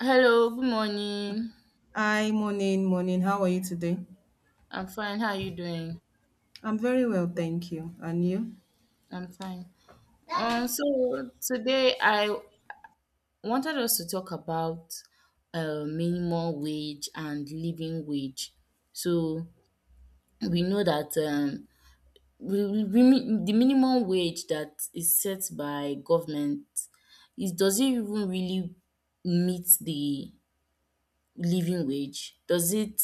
Hello, good morning. Hi, morning, morning. How are you today? I'm fine. How are you doing? I'm very well, thank you. And you? I'm fine. So today I wanted us to talk about minimum wage and living wage. So we know that the minimum wage that is set by government is does it even really meet the living wage?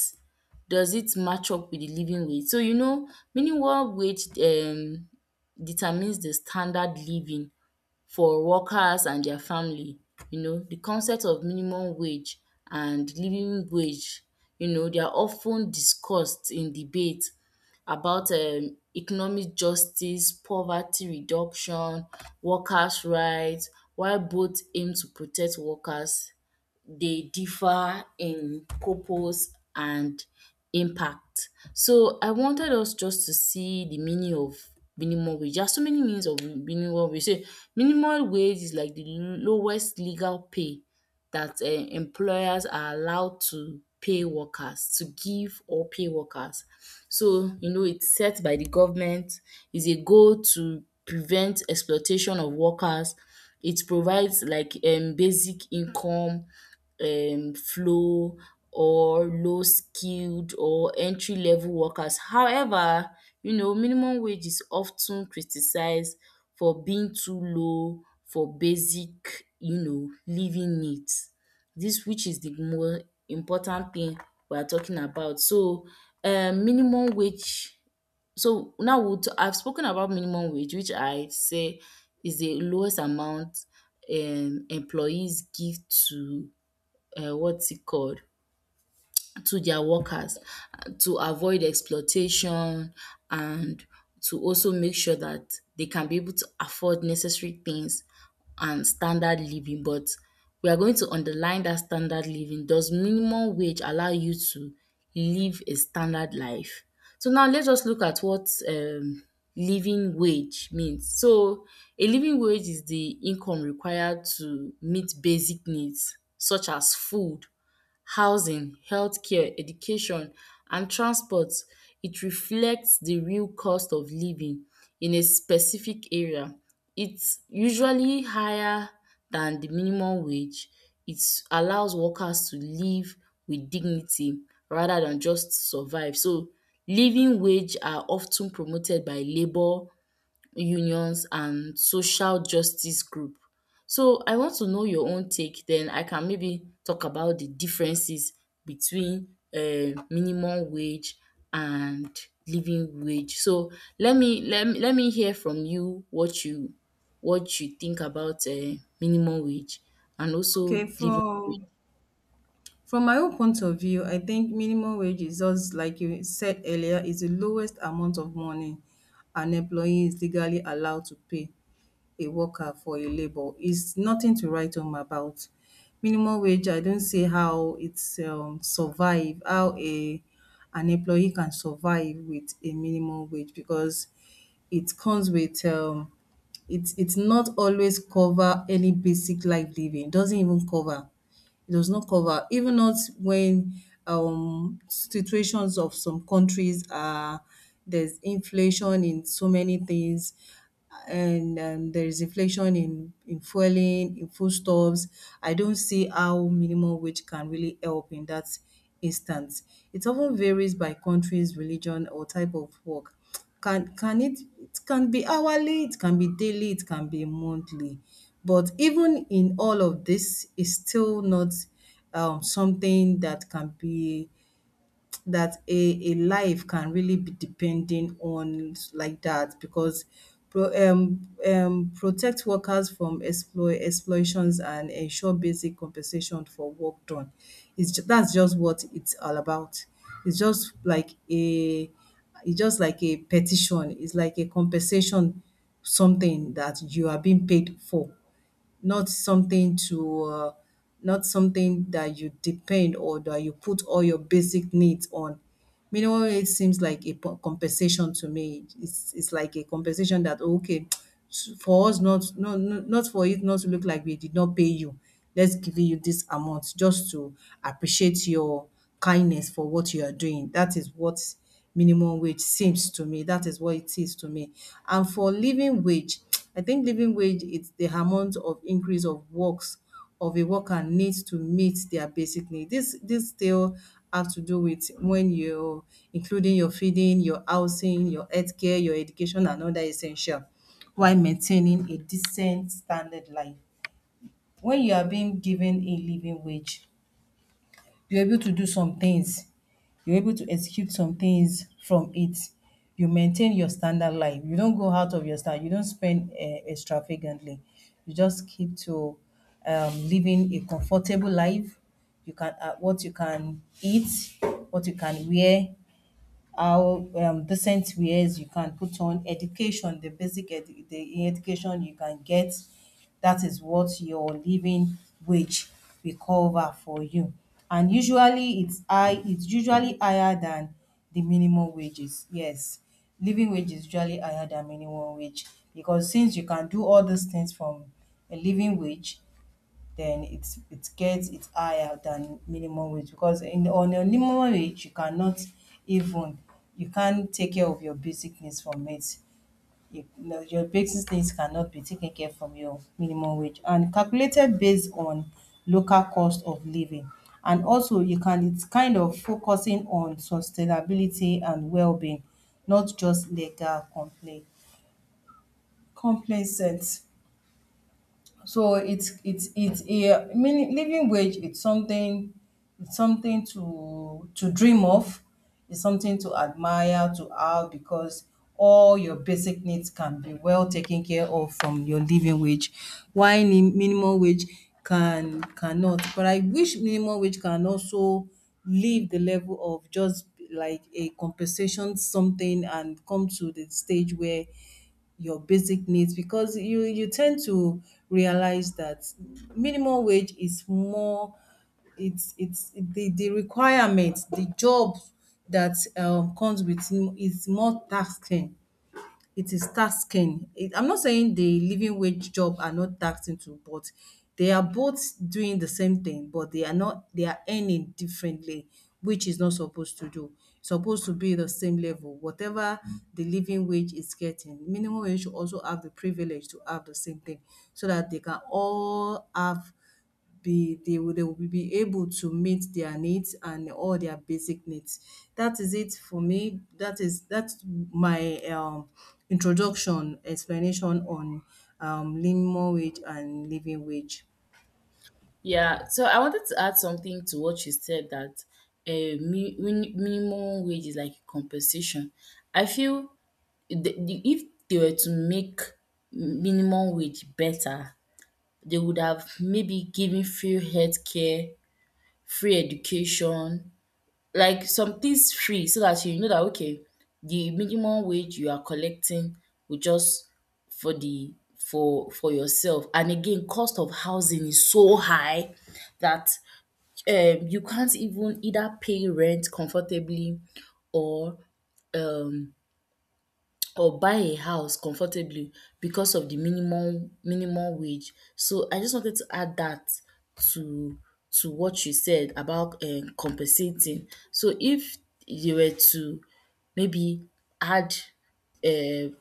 Does it match up with the living wage? So you know, minimum wage determines the standard living for workers and their family. You know, the concept of minimum wage and living wage, you know, they are often discussed in debate about economic justice, poverty reduction, workers rights. While both aim to protect workers they differ in purpose and impact. So I wanted us just to see the meaning of minimum wage. There are so many meanings of minimum wage. So minimum wage is like the lowest legal pay that employers are allowed to pay workers to give or pay workers. So you know it's set by the government, is a goal to prevent exploitation of workers. It provides like basic income flow or low skilled or entry level workers. However, you know, minimum wage is often criticized for being too low for basic, you know, living needs. This, which is the more important thing we are talking about. So minimum wage so now I've spoken about minimum wage which I say is the lowest amount employees give to what's it called to their workers to avoid exploitation and to also make sure that they can be able to afford necessary things and standard living, but we are going to underline that standard living, does minimum wage allow you to live a standard life? So now let's just look at what living wage means. So a living wage is the income required to meet basic needs such as food, housing, healthcare, education and transport. It reflects the real cost of living in a specific area. It's usually higher than the minimum wage. It allows workers to live with dignity rather than just survive. So living wage are of ten promoted by labour unions and social justice group. So I want to know your own take, then I can maybe talk about the differences between minimum wage and living wage. So let me hear from you what you what you think about minimum wage and also Okay, living. for From my own point of view, I think minimum wage is just like you said earlier, is the lowest amount of money an employee is legally allowed to pay a worker for a labour. It's nothing to write home about. Minimum wage, I don't see how it's survive, how a an employee can survive with a minimum wage because it comes with it's not always cover any basic life living. It doesn't even cover it does not cover, even not when situations of some countries are there's inflation in so many things, and there is inflation in fueling, in foodstuffs. I don't see how minimum wage can really help in that instance. It often varies by countries, religion, or type of work. Can it it can be hourly, it can be daily, it can be monthly. But even in all of this, it's still not something that can be that a life can really be depending on like that because protect workers from exploit exploitations and ensure basic compensation for work done. That's just what it's all about. It's just like a it's just like a petition. It's like a compensation something that you are being paid for not something to not something that you depend or that you put all your basic needs on. Minimum wage seems like a compensation to me. It's like a compensation that okay, for us not not for it not to look like we did not pay you, let's give you this amount just to appreciate your kindness for what you are doing. That is what minimum wage seems to me. That is what it is to me. And for living wage, I think living wage is the amount of increase of works of a worker needs to meet their basic need. This still have to do with when you including your feeding, your housing, your healthcare, your education and other essential while maintaining a decent standard life. When you are being given a living wage, you're able to do some things. You're able to execute some things from it. You maintain your standard life. You don't go out of your standard. You don't spend extravagantly. You just keep to living a comfortable life. You can what you can eat, what you can wear, how decent wares you can put on, education, the the education you can get. That is what your living wage will cover for you. And usually it's high, it's usually higher than the minimum wages. Yes, living wage is usually higher than minimum wage because since you can do all these things from a living wage, then it gets it higher than minimum wage because in on a minimum wage you cannot even you can't take care of your basic needs from it. You know, your basic needs cannot be taken care from your minimum wage and calculated based on local cost of living and also you can it's kind of focusing on sustainability and well-being, not just legal compli complacent. So it's a meaning living wage, it's something, it's something to dream of, it's something to admire to have because all your basic needs can be well taken care of from your living wage. Why minimum wage cannot. But I wish minimum wage can also leave the level of just like a compensation something and come to the stage where your basic needs because you tend to realize that minimum wage is more, it's the requirement, the job that comes with it is more taxing, it is tasking. It, I'm not saying the living wage job are not taxing too, but they are both doing the same thing, but they are not, they are earning differently, which is not supposed to do. It's supposed to be the same level. Whatever the living wage is getting, minimum wage should also have the privilege to have the same thing so that they can all have be they will be able to meet their needs and all their basic needs. That is it for me. That's my introduction explanation on minimum wage and living wage. Yeah, so I wanted to add something to what you said, that minimum wage is like compensation. I feel the if they were to make minimum wage better, they would have maybe given free healthcare, free education, like some things free so that you know that okay, the minimum wage you are collecting will just for the for yourself. And again, cost of housing is so high that you can't even either pay rent comfortably or or buy a house comfortably because of the minimum wage. So I just wanted to add that to to what you said about compensating. So if they were to maybe add uh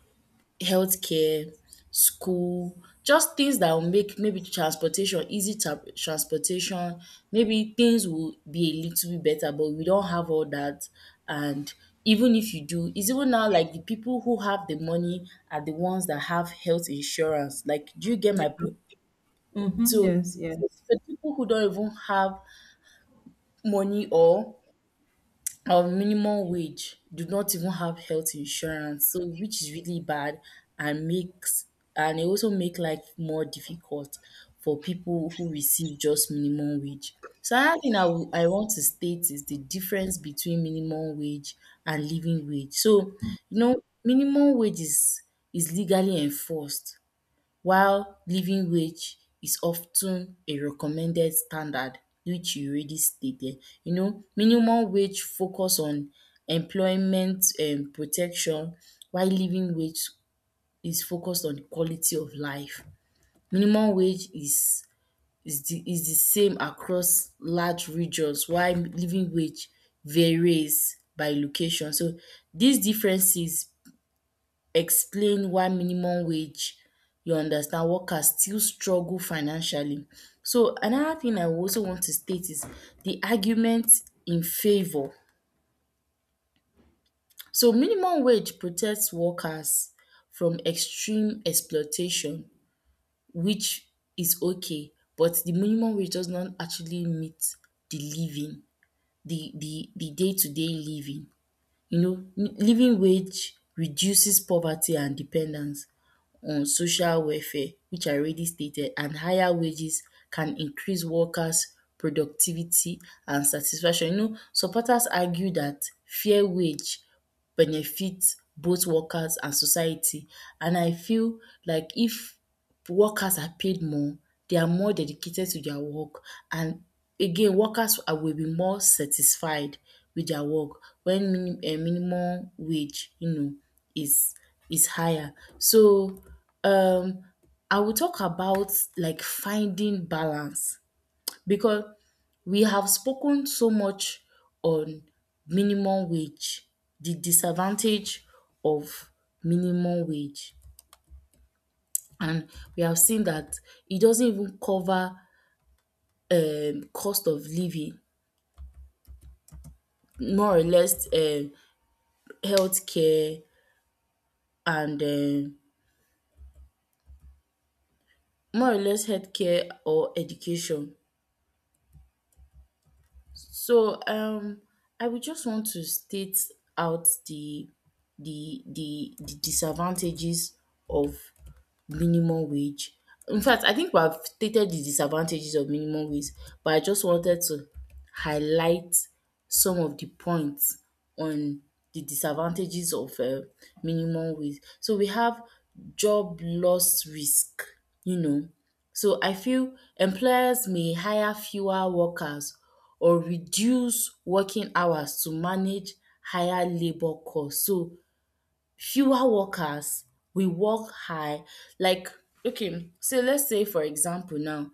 healthcare, school, just things that will make maybe transportation, transportation, maybe things will be a little bit better, but we don't have all that. And even if you do, it's even now like the people who have the money are the ones that have health insurance. Like, do you get Yeah. my point? Mm-hmm, So, yes, so, yes. so people who don't even have money or minimum wage do not even have health insurance, so which is really bad and makes and it also make life more difficult for people who receive just minimum wage. So another thing I would I want to state is the difference between minimum wage and living wage. So you know minimum wage is legally enforced while living wage is of ten a recommended standard which you already stated. You know, minimum wage focus on employment protection while living wage is focused on quality of life. Minimum wage is the same across large regions while living wage varies by location. So dis differences explain why minimum wage you understand workers still struggle financially. So another thing I also want to state is the argument in favour. So minimum wage protects workers from extreme exploitation which is okay, but the minimum wage does not actually meet the living the day to day living. You know living wage reduces poverty and dependence on social welfare which I already stated, and higher wages can increase workers productivity and satisfaction. You know, supporters argue that fair wage benefits both workers and society, and I feel like if workers are paid more, they are more dedicated to their work, and again workers are will be more satisfied with their work when minimum wage you know is is higher. So um I will talk about like finding balance because we have spoken so much on minimum wage, the disadvantage of minimum wage, and we have seen that it doesn't even cover cost of living, more or less healthcare and more or less healthcare or education. So I would just want to state out the disadvantages of minimum wage. In fact, I think we have stated the disadvantages of minimum wage, but I just wanted to highlight some of the points on the disadvantages of minimum wage. So we have job loss risk, you know. So I feel employers may hire fewer workers or reduce working hours to manage higher labour cost. So fewer workers will work high like okay, so let's say for example now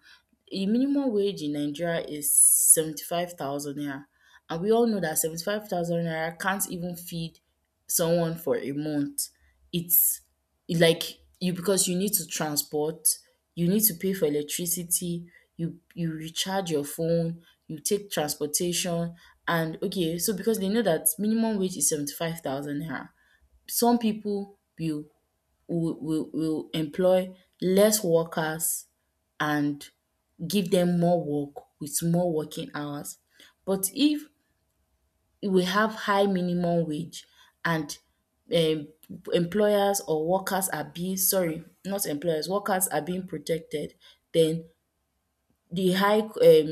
a minimum wage in Nigeria is 75,000 naira, and we all know that 75,000 naira can't even feed someone for a month. It's like you because you need to transport, you need to pay for electricity, you recharge your phone, you take transportation, and okay, so because they know that minimum wage is 75,000 naira, some people will will employ less workers and give them more work with more working hours. But if we have high minimum wage and um employers or workers are being sorry not employers workers are being protected, then the high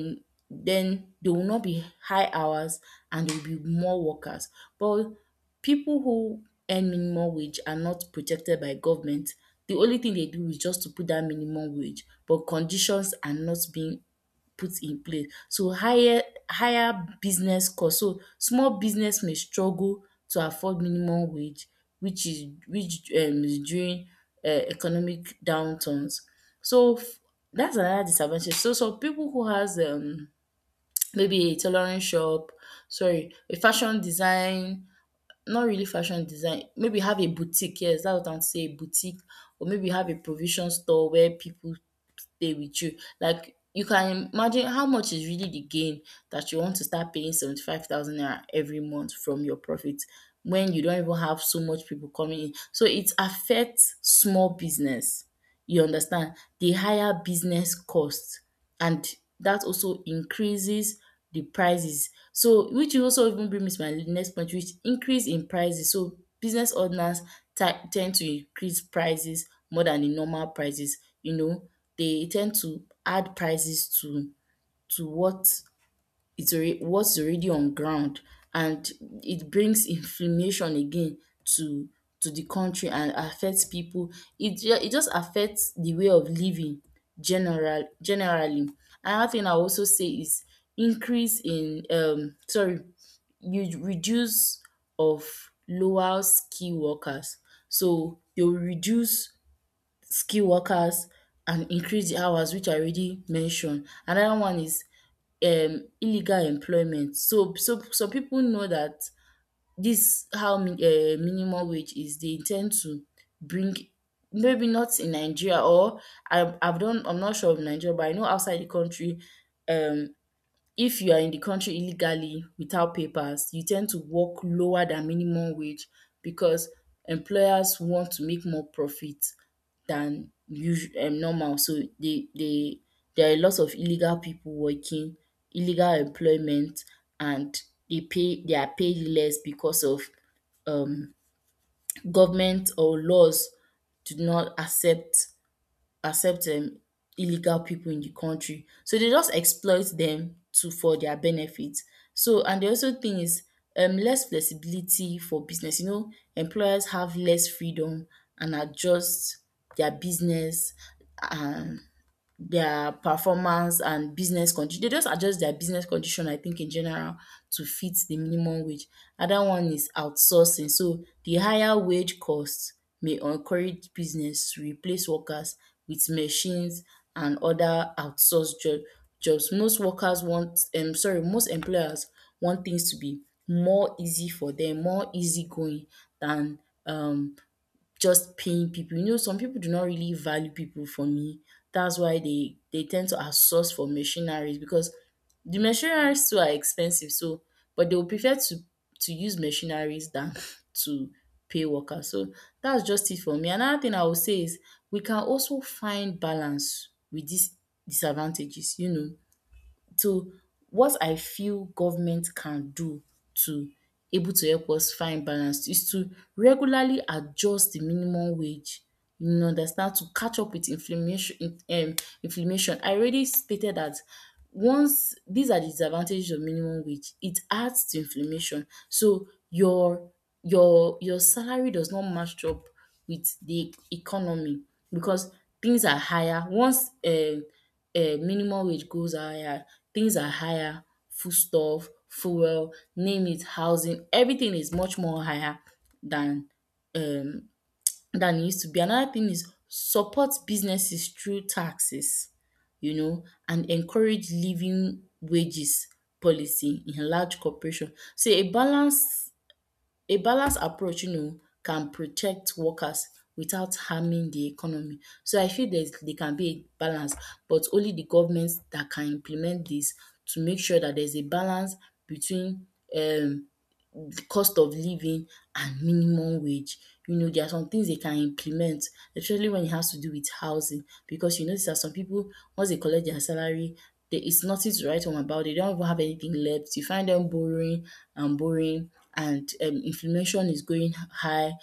then there will not be high hours and there will be more workers. But people who earn minimum wage are not protected by government. The only thing they do is just to put that minimum wage, but conditions are not being put in place. So higher business cost. So small business may struggle to afford minimum wage which is during economic downturns. So f- that's another disadvantage. So some people who has maybe a tailoring shop, sorry, a fashion design, not really fashion design. Maybe have a boutique, yes, that's what I want to say, boutique, or maybe have a provision store where people stay with you. Like you can imagine how much is really the gain that you want to start paying 75,000 naira every month from your profit when you don't even have so much people coming in. So it affects small business. You understand? The higher business cost and that also increases the prices. So which will also even bring me to my next point which increase in prices. So business owners tend to increase prices more than the normal prices. You know, they tend to add prices to what it's already what's already on ground, and it brings inflammation again to to the country and affects people. It it just affects the way of living generally. Another thing I also say is increase in sorry you reduce of lower skill workers. So they will reduce skill workers and increase the hours which I already mentioned. Another one is illegal employment. So so some people know that this how minimum wage is they intend to bring maybe not in Nigeria or I I've done I'm not sure of Nigeria, but I know outside the country um, if you are in the country illegally without papers, you tend to work lower than minimum wage because employers want to make more profit than usual. Normal, so they there are a lot of illegal people working, illegal employment, and they pay they are paid less because of um government or laws do not accept illegal people in the country. So they just exploit them to for their benefit. So and the also thing is less flexibility for business. You know, employers have less freedom and adjust their business. Um their performance and business condition. They just adjust their business condition I think in general to fit the minimum wage. Other one is outsourcing. So the higher wage costs may encourage business to replace workers with machines and other outsourced jobs. Most workers want sorry most employers want things to be more easy for them, more easy going than um just paying people. You know, some people do not really value people for me. That's why they tend to outsource for machineries because the machineries too are expensive. So, but they will prefer to use machineries than to pay workers. So that's just it for me. Another thing I will say is we can also find balance with these disadvantages. You know, so, what I feel government can do to able to help us find balance is to regularly adjust the minimum wage, you know, understand to catch up with inflammation in inflammation. I already stated that once these are the disadvantages of minimum wage, it adds to inflammation, so your salary does not match up with the economy, because things are higher. Once minimum wage goes higher, things are higher, foodstuff, fuel, name it, housing, everything is much more higher than um than it used to be. Another thing is support businesses through taxes, you know, and encourage living wages policy in large corporation. So a balanced approach, you know, can protect workers without harming the economy. So I feel there can be a balance, but only the government that can implement this to make sure that there's a balance between um cost of living and minimum wage. You know, there are some things they can implement, especially when it has to do with housing, because you notice that some people, once they collect their salary, there is nothing to write home about. They don't even have anything left. You find them borrowing and borrowing, and inflammation is going high.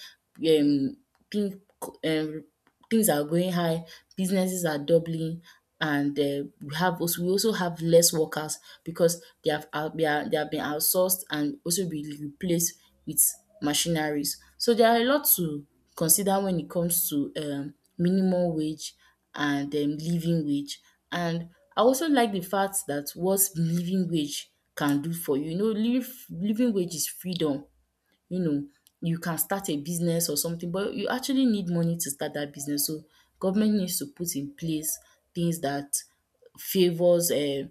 Um, pink, um, things are going high, businesses are doubling, and we have also we also have less workers because they have been outsourced and also be replaced with machineries. So there are a lot to consider when it comes to minimum wage and living wage. And I also like the fact that what living wage can do for you. You know, living wage is freedom, you know, you can start a business or something, but you actually need money to start that business. So government needs to put in place things that favors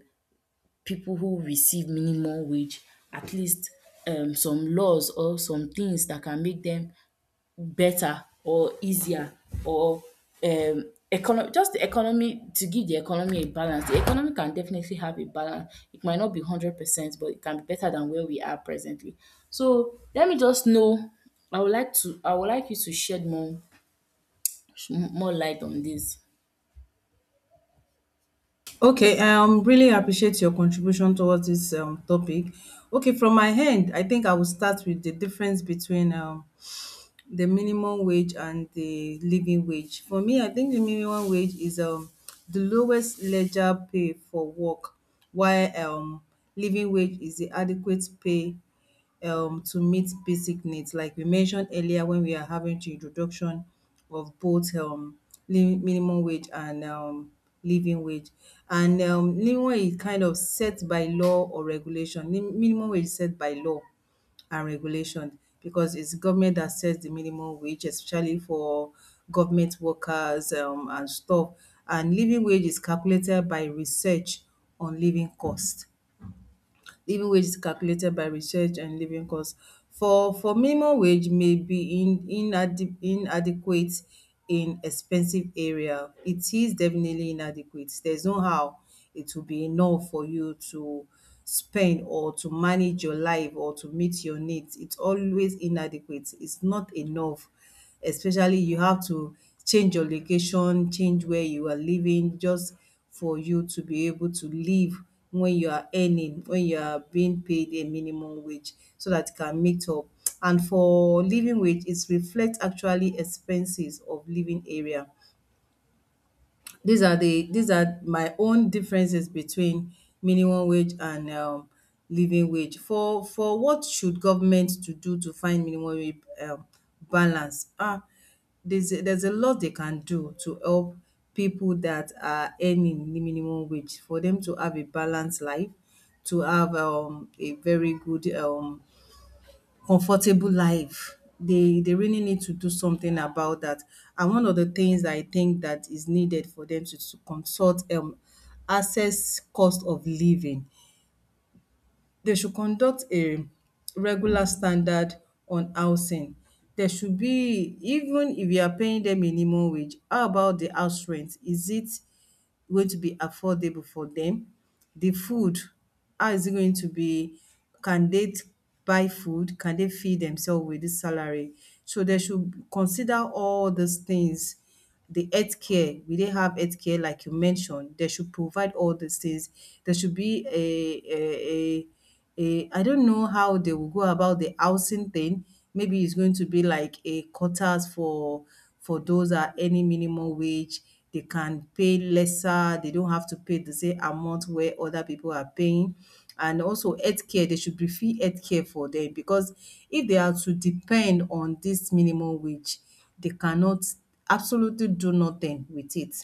people who receive minimum wage, at least some laws or some things that can make them better or easier or just the economy, to give the economy a balance. The economy can definitely have a balance. It might not be 100%, but it can be better than where we are presently. So let me just know. I would like you to shed more light on this. Okay, really appreciate your contribution towards this topic. Okay, from my end, I think I will start with the difference between the minimum wage and the living wage. For me, I think the minimum wage is the lowest ledger pay for work, while living wage is the adequate pay to meet basic needs. Like we mentioned earlier when we are having the introduction of both minimum wage and living wage. And living wage is kind of set by law or regulation. Minimum wage is set by law and regulation because it's government that sets the minimum wage, especially for government workers and stuff. And living wage is calculated by research on living cost. Living wage is calculated by research and living cost. For minimum wage may be in inadequate in expensive area. It is definitely inadequate. There's no how it will be enough for you to spend or to manage your life or to meet your needs. It's always inadequate. It's not enough, especially you have to change your location, change where you are living, just for you to be able to live when you are earning, when you are being paid a minimum wage, so that you can meet up. And for living wage, it reflects actually expenses of living area. These are the these are my own differences between minimum wage and living wage. For what should government to do to find minimum wage balance? Ah, there's a lot they can do to help people that are earning the minimum wage for them to have a balanced life, to have a very good comfortable life. They really need to do something about that. And one of the things I think that is needed for them to consult access cost of living, they should conduct a regular standard on housing. There should be, even if you are paying them minimum wage, how about the house rent? Is it going to be affordable for them? The food, how is it going to be? Can they buy food? Can they feed themselves with this salary? So they should consider all these things, the healthcare, we dey have healthcare like you mentioned. They should provide all these things. There should be a a I don't know how they will go about the housing thing. Maybe it's going to be like a quotas for those at any minimum wage. They can pay lesser. They don't have to pay the same amount where other people are paying. And also healthcare, they should be free healthcare for them because if they are to depend on this minimum wage, they cannot absolutely do nothing with it.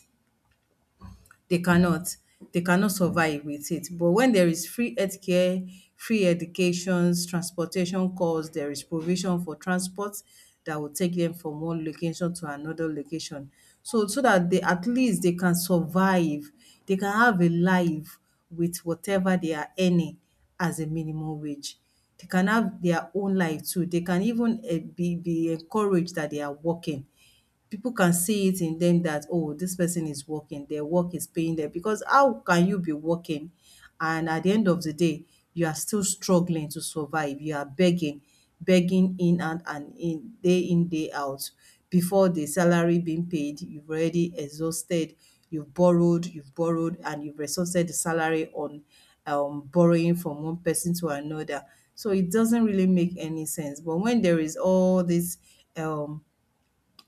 They cannot. They cannot survive with it. But when there is free healthcare, free educations, transportation costs, there is provision for transport that will take them from one location to another location. So so that they at least they can survive. They can have a life with whatever they are earning as a minimum wage. They can have their own life too. They can even be encouraged that they are working. People can see it in them that, oh, this person is working, their work is paying them. Because how can you be working and at the end of the day, you are still struggling to survive? You are begging, begging in and in, day out. Before the salary being paid, you've already exhausted, you've borrowed, and you've resourced the salary on borrowing from one person to another. So it doesn't really make any sense. But when there is all this um,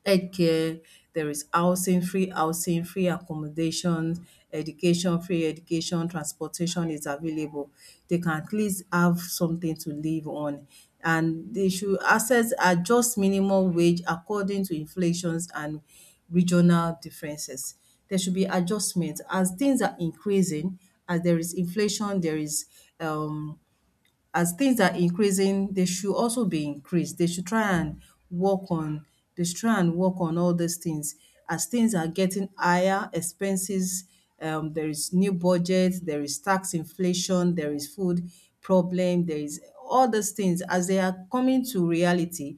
healthcare, there is housing, free accommodation, education, free education, transportation is available. They can at least have something to live on. And they should access adjust minimum wage according to inflations and regional differences. There should be adjustment. As things are increasing, as there is inflation, there is um as things are increasing, they should also be increased. Work on they should try and work on all these things. As things are getting higher, expenses, there is new budget, there is tax inflation, there is food problem, there is all these things as they are coming to reality.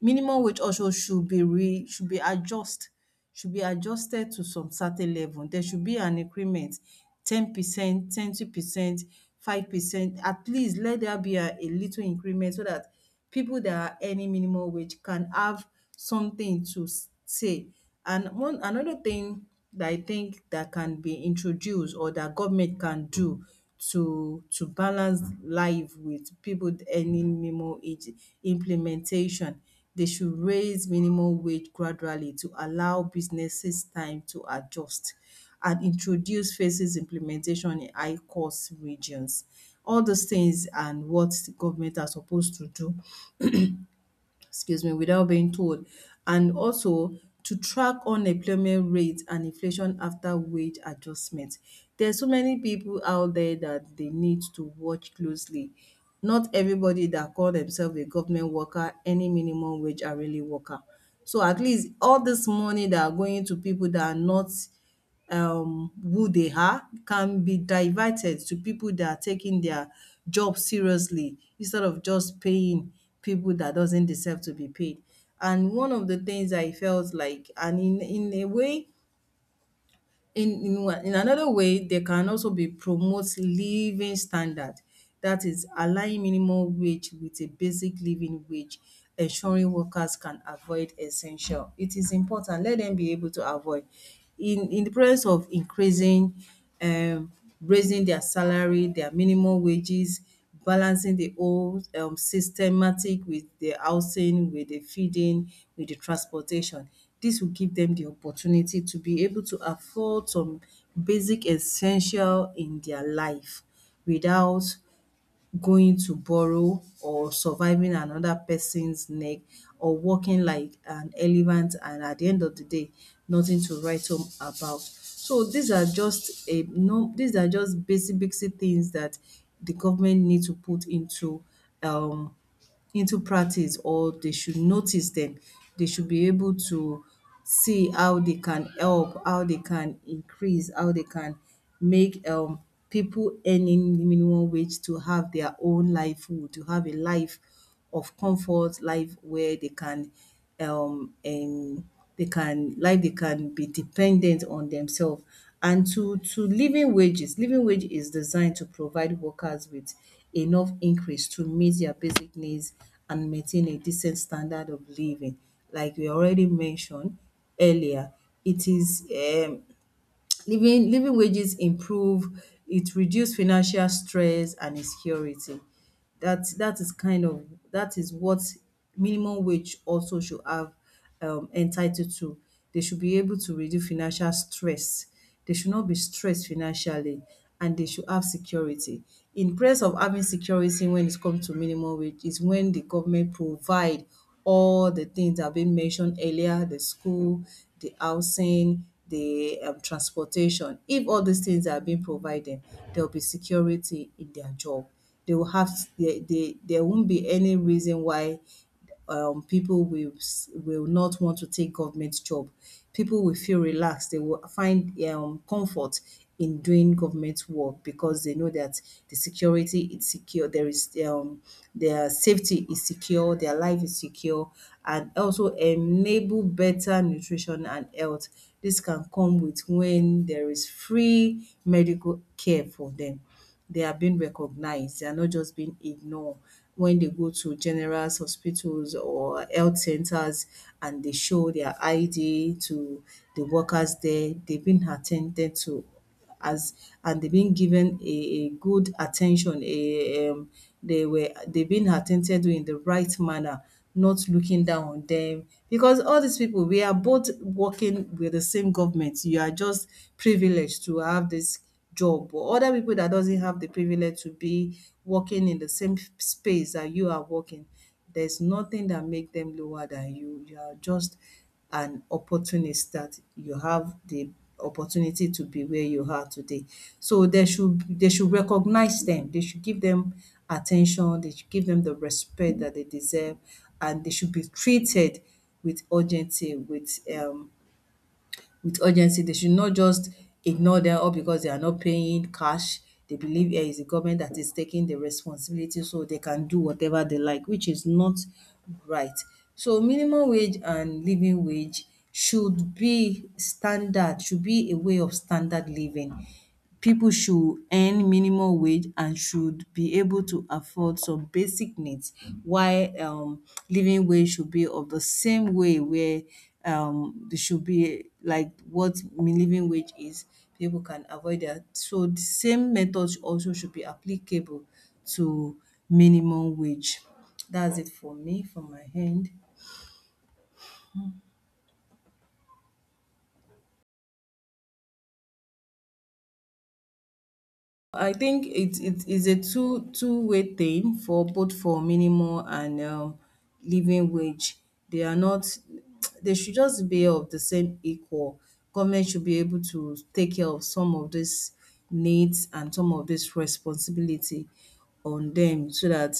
Minimum wage also should be re should be adjusted to some certain level. There should be an increment, 10%, 20%, 5%. At least let there be a little increment so that people that are earning minimum wage can have something to say. And one another thing that I think that can be introduced or that government can do to balance life with people earning minimum wage implementation, they should raise minimum wage gradually to allow businesses time to adjust and introduce phases implementation in high cost regions. All those things and what the government are supposed to do, excuse me, without being told. And also to track unemployment rate and inflation after wage adjustment. There are so many people out there that they need to watch closely. Not everybody that call themselves a government worker, any minimum wage are really worker. So at least all this money that are going to people that are not, who they are, can be diverted to people that are taking their job seriously instead of just paying people that doesn't deserve to be paid. And one of the things I felt like, and in a way, in wha in another way, they can also be promote living standard. That is align minimum wage with a basic living wage, ensuring workers can avoid essential. It is important, let them be able to avoid. In the presence of increasing, um raising their salary, their minimum wages, balancing the whole systematic with the housing, with the feeding, with the transportation. This will give them the opportunity to be able to afford some basic essential in their life without going to borrow or surviving another person's neck or walking like an elephant, and at the end of the day nothing to write home about. So these are just a no these are just basic things that the government need to put into, um into practice, or they should notice them. They should be able to see how they can help, how they can increase, how they can make, people earning minimum wage, to have their own livelihood, to have a life of comfort, life where they can, um um they can like they can be dependent on themselves. And to living wages, living wage is designed to provide workers with enough increase to meet their basic needs and maintain a decent standard of living. Like we already mentioned earlier, it is living wages improve, it reduce financial stress and insecurity. That is kind of that is what minimum wage also should have entitled to. They should be able to reduce financial stress. They should not be stressed financially, and they should have security. In place of having security when it comes to minimum wage is when the government provide all the things that have been mentioned earlier, the school, the housing, the transportation. If all these things are being provided, there will be security in their job. They will have, there won't be any reason why, people will will not want to take government job. People will feel relaxed. They will find, comfort in doing government work because they know that the security is secure. There is, their safety is secure. Their life is secure, and also enable better nutrition and health. This can come with when there is free medical care for them, they are being recognized. They are not just being ignored when they go to general hospitals or health centers and they show their ID to the workers there. They've been attended to as and they've been given a good attention. They were they've been attended to in the right manner, not looking down on them. Because all these people, we are both working with the same government. You are just privileged to have this job, or other people that doesn't have the privilege to be working in the same space that you are working, there's nothing that make them lower than you. You are just an opportunist that you have the opportunity to be where you are today. So they should recognize them. They should give them attention. They should give them the respect that they deserve, and they should be treated with urgency, with, with urgency. They should not just ignore them all because they are not paying cash. They believe here is the government that is taking the responsibility so they can do whatever they like, which is not right. So minimum wage and living wage should be standard, should be a way of standard living, people should earn minimum wage and should be able to afford some basic needs while, living wage should be of the same way where, there should be like what living wage is. People can avoid that. So the same method also should be applicable to minimum wage. That's it for me, from my end. I think it is a two two-way thing for both for minimum and living wage. They are not they should just be of the same equal. Government should be able to take care of some of these needs and some of this responsibility on them so that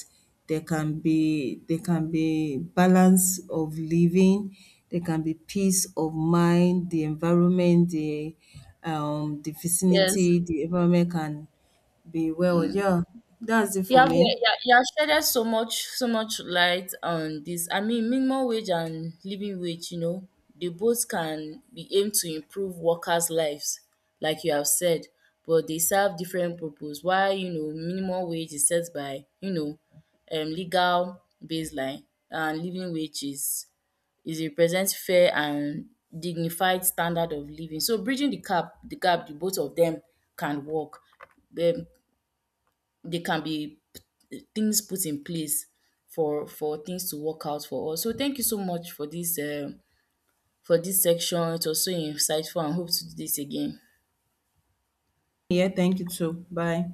they can be balance of living, there can be peace of mind, the environment, the Yes. vicinity, the environment can be well. Yeah, that's it You for have you me. you you have shedded so much light on this. I mean, minimum wage and living wage, you know, they both can be aimed to improve workers' lives, like you have said, but they serve different purpose. Why, you know, minimum wage is set by, you know, legal baseline, and living wage is represent fair and dignified standard of living. So bridging the gap, the both of them can work. um they can be things put in place for things to work out for us. So thank you so much for this section. It was so insightful and hope to do this again. Yeah, thank you too. Bye.